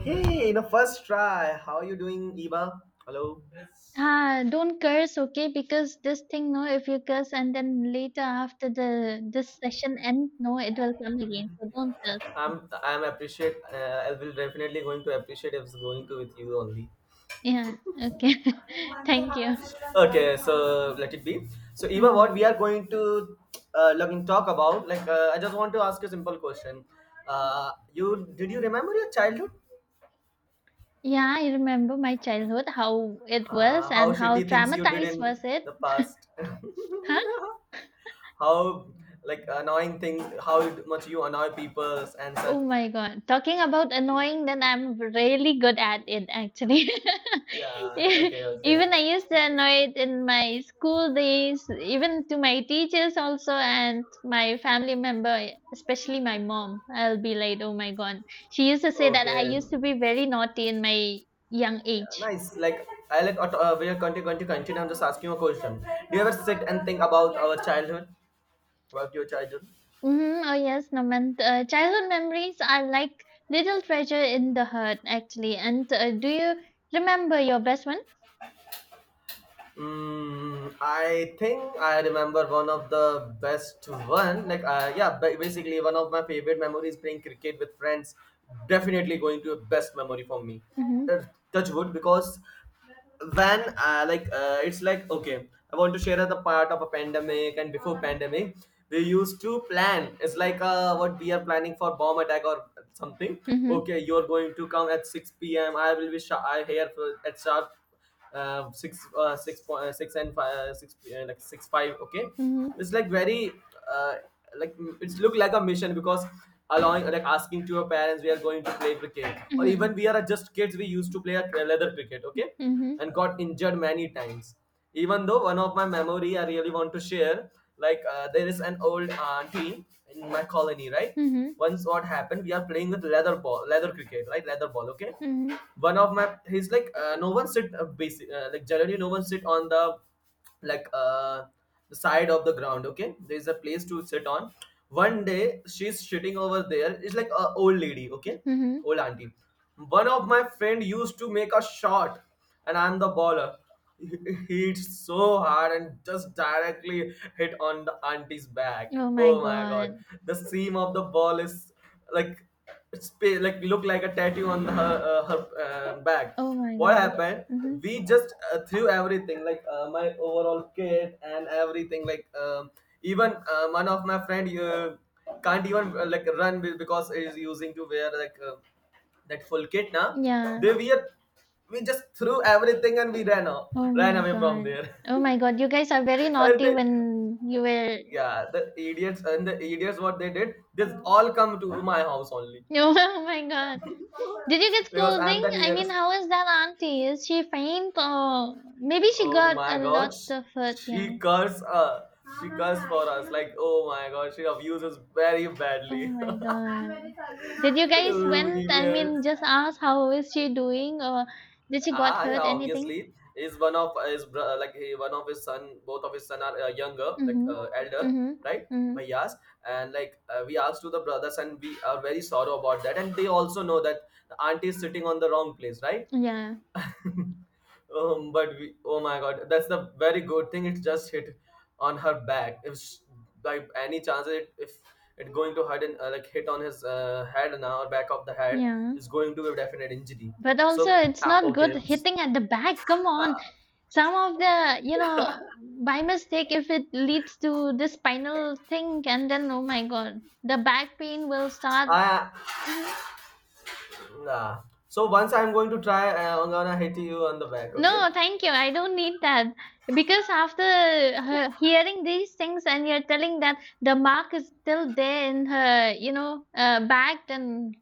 Hey, in a first try, how are you doing, Eva? Hello. Ah, don't curse, okay? Because this thing, no, if you curse and then later after the this session end, no, it will come again. So don't curse. I'm appreciate. I will definitely going to appreciate if it's going to with you only. Yeah, okay. Thank you. Okay, so let it be. So Eva, what we hmm are going to look and talk about? Like, I just want to ask you a simple question. You did you remember your childhood? Yeah, I remember my childhood, how it was How and how shitty things you did traumatized in was it. the past? how like annoying things? How much you annoy people and such? Oh my God. Talking about annoying, then I'm really good at it actually. Yeah. E- Okay. Okay. Even I used to annoy it in my school days, even to my teachers also and my family member, especially my mom. I'll be like, oh my God. She used to say that I Okay. used to be very naughty in my young Yeah, age. nice. Like, I we are going to continue. I'm just asking you a question. Do you ever sit and think about your childhood? Oh yes, Naman. Childhood memories are like little treasure in the heart actually. And do you remember your best one? I think I remember one of the best one. Like, yeah, basically one of my favorite memories playing cricket with friends. Definitely going to a best memory for me. Mm-hmm. Uh, Touch wood because when like it's like okay, I want to share the part of a pandemic and before pandemic we used to plan. It's like what we are planning for bomb attack or something. Mm-hmm. Okay, you're going to come at six p.m. I will be I here for, at sharp six and five, like six five. Okay, it's Mhm. like very, uh, it's look like a mission because allowing like asking to your parents we are going to play cricket or Mhm. even we are just kids we used to play a leather cricket. Okay, Mhm. and got injured many times. Even though one of my memory I really want to share, like there is an old auntie in my colony, right? Mhm. Once what happened, we are playing with leather ball, leather cricket, right? Leather ball, okay? Mhm. One of my, he's no one sit basic like generally no one sit on like uh the side of the ground. Okay, there's a place to sit on one day. She's sitting over there. It's like a old lady. Okay, Mhm. old auntie. One of my friend used to make a shot, and I'm the baller, hit so hard and just directly hit on the auntie's back. Oh my Oh my god. god. The seam of the ball is like, it's like look like a tattoo on her back. Oh my What god. happened? Mhm. We just threw everything, like my overall kit and everything, like even one of my friend can't even like because he's using to wear like that full kit, na. Yeah. They we are we just threw everything and we ran off, Oh ran my away from god. there. Oh my god. You guys are very And naughty they, when you were. yeah, the idiots, what they did, they all come to my house only Oh my god. Did you get because I'm scolding? the I mean, nearest. how is that auntie? Is she faint or maybe she Oh got my a God, lot of hurt? she Yeah. curses uh, she curses for us. Like, oh my God, she abuses very Oh badly. my Oh, god. Did you guys went? I idiots. mean, just ask how is she doing or did she got Yeah, hurt? Anything? obviously, is one of his one of his son. Both of his son are younger, like Mhm. elder, Mhm. right? Mhm. Yes, and like we asked to the brothers, and we are very sorrow about that. And they also know that the auntie is sitting on the wrong place, right? Yeah, But we, oh my god, that's the very good thing. It just hit on her back. If sh by any chance, it if it going to hit and like hit on his head now or back of the head, yeah. is going to be a definite injury. But So, also, it's not okay, good it's- hitting at the back. Come on. Some of the, by mistake, if it leads to the spinal thing, and then, oh my God, the back pain will start. I Mhm. nah. So once I'm going to try, I'm gonna hit you on the back. Okay. No, thank you. I don't need that. Because after her hearing these things and you're telling that the mark is still there in her, bag, then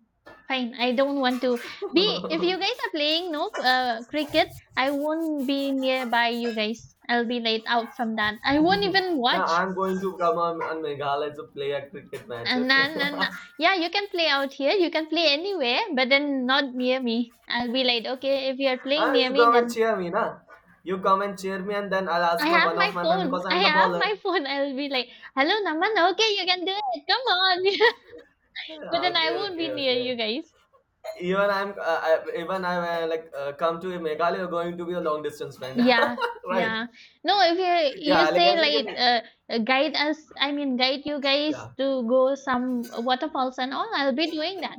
fine. I don't want to be. If you guys are playing no cricket, I won't be nearby you guys. I'll be laid out from that. I won't even Now watch. I'm going to come on Meghalaya to play a cricket match. And Okay. then, and yeah, you can play out here. You can play anywhere, but then not near me. I'll be like, okay, if you're playing Ah, near you me, come and then cheer me, na? You come and cheer me, and then I'll I ask my have one my of my friend phone. because I I'm the have baller. my phone. I'll be like, hello, Naman. Okay, you can do it. Come on. But then I Okay, won't okay, be near okay. you guys. Even I'm I, even I'm come to Meghalaya, you're going to be a long distance friend, Yeah, right? yeah. No, if you Yeah, like say as we can, like guide us, I mean guide you guys yeah. to go some waterfalls and all, I'll be doing that.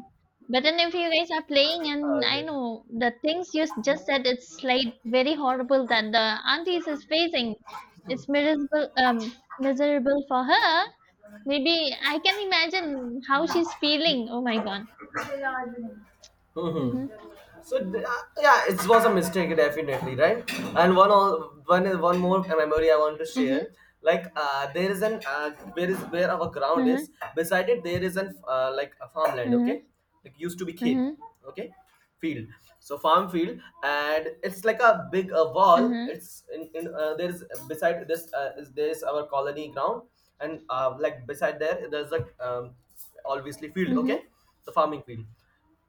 But then if you guys are playing and I Okay. know the things you just said, it's like very horrible that the aunties is facing. It's miserable, miserable for her. Maybe I can imagine how she's feeling. Oh my god. Hmm, Mhm. hmm. So, yeah, it was a mistake definitely, right? And one all one one more memory I want to share. Mhm. Like there is an where our ground is. Mhm. Beside it, there is an like a farmland. Okay, Mhm. like used to be kid. Mhm. Okay, field. So farm field, and it's like a big wall. Mhm. It's in there is beside this, there is our colony ground, and like beside there, there's like obviously field. Mhm. Okay, the farming field.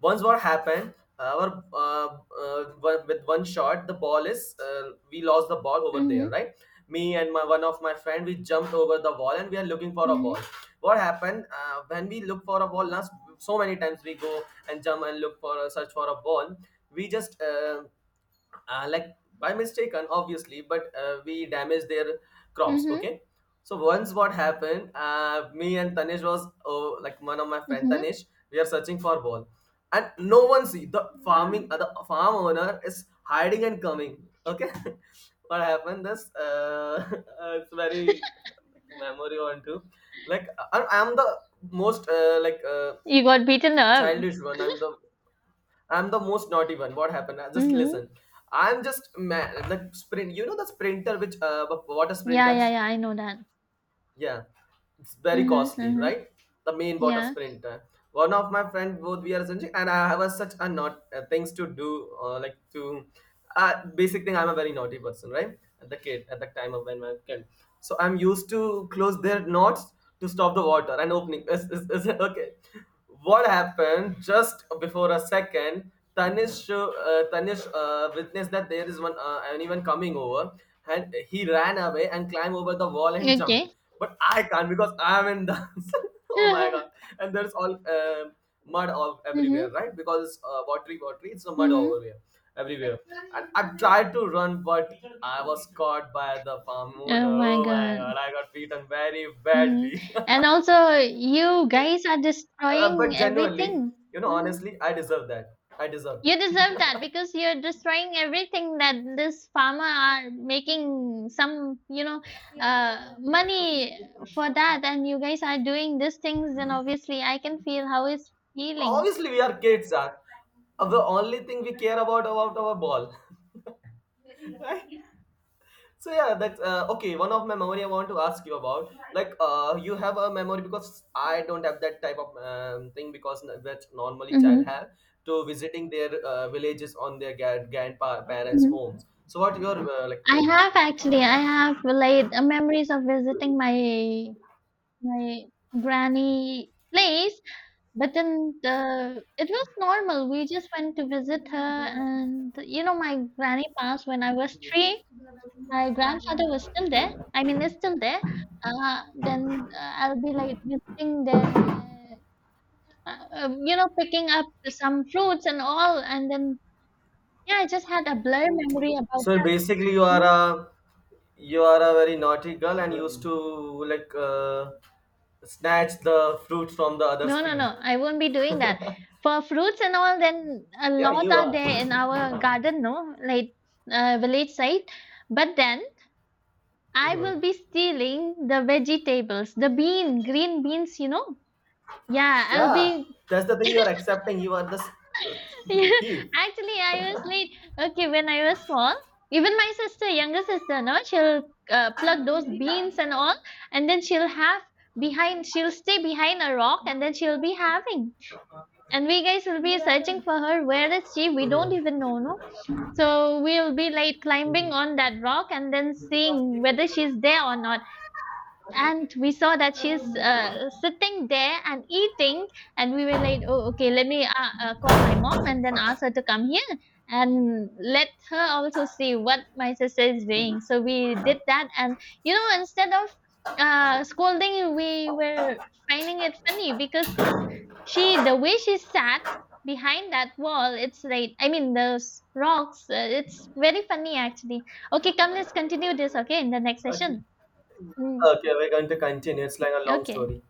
Once what happened, uh, our uh, with one shot, the ball is, we lost the ball over there, Mhm. right? Me and my one of my friend, we jumped over the wall and we are looking for a ball. Mhm. What happened, when we look for a ball, last so many times we go and jump and look for a search for a ball. We just like, by mistaken obviously, but we damaged their crops. Mhm. Okay. So once what happened, me and Tanish was, like one of my friend Mhm. Tanish, we are searching for ball. And no one see the farm owner is hiding and coming. Okay. What happened, this it's very like, memory on to, like I'm the most like You got beaten up. childish one. I'm the most naughty one. What happened? Just Mhm. listen. I'm just, man. The sprint. You know the sprinter, which water Yeah, yeah, sprinters. yeah. I know that. Yeah, it's very Mhm. costly, Mhm. right? The main water Yeah. sprinter. One of my friend, both we are essentially, and I have such a not things to do, like to basic thing. I'm a very naughty person, right? At the kid, at the time of when my kid. So I'm used to close their knots to stop the water and opening. Is it okay? What happened, just before a second, Tanish witnessed that there is one anyone coming over, and he ran away and climbed over the wall and jumped. Okay. But I can't because I'm in dance. Oh my god. And there's all mud all everywhere, Mhm. right? Because it's watery, it's a mud over Mhm. here everywhere. And I tried to run but I was caught by the farm Oh owner. my Oh my god. god, I got beaten very Mhm. badly. And also, you guys are Uh, destroying but genuinely, everything. Mhm. honestly, I deserve that. I deserve. You deserve that because you're destroying everything that this farmer are making some, money for that, and you guys are doing these things. And obviously, I can feel how it's feeling. Obviously, we are kids, are the only thing we care about our ball, right? So yeah, that's okay. One of my memory I want to ask you about, like you have a memory because I don't have that type of thing because that normally child hmm have to visiting their villages on their grandparents' hmm homes. So what your like I thing? have actually, I have like memories of visiting my my granny place, but then the it was normal. We just went to visit her, and my granny passed when I was three. My grandfather was still there. I mean, is still there. Then I'll be like visiting picking up some fruits and all. And then, yeah, I just had a blur memory about So that. basically, you are Mhm. a, you are a very naughty girl and used to like snatch the fruit from the other's No, no, field. no. I won't be doing that. For fruits and all, then a Yeah, lot you are are. there in our garden, no, like village side. But then I Mhm. will be stealing the vegetables, the bean, green beans. Yeah, Yeah, that's the thing you are accepting. You are the Yeah, thief. actually, I was late. Okay, when I was small, even my sister, younger sister, no, she'll pluck those beans and all, and then she'll stay behind a rock, and then she'll be having, and we guys will be searching for her. Where is she? We don't Mhm. even know, no. So we'll be like climbing Mhm. on that rock and then seeing whether she's there or not, and we saw that she's sitting there and eating, and we were like, oh, okay, let me call my mom and then ask her to come here and let her also see what my sister is doing. So we did that, and instead of scolding, we were finding it funny because she, the way she sat behind that wall, it's like, I mean, those rocks, it's very funny actually. Okay, come, let's continue this, okay, in the next Okay. session. mm, Okay, we're going to continue. It's like a long okay. story.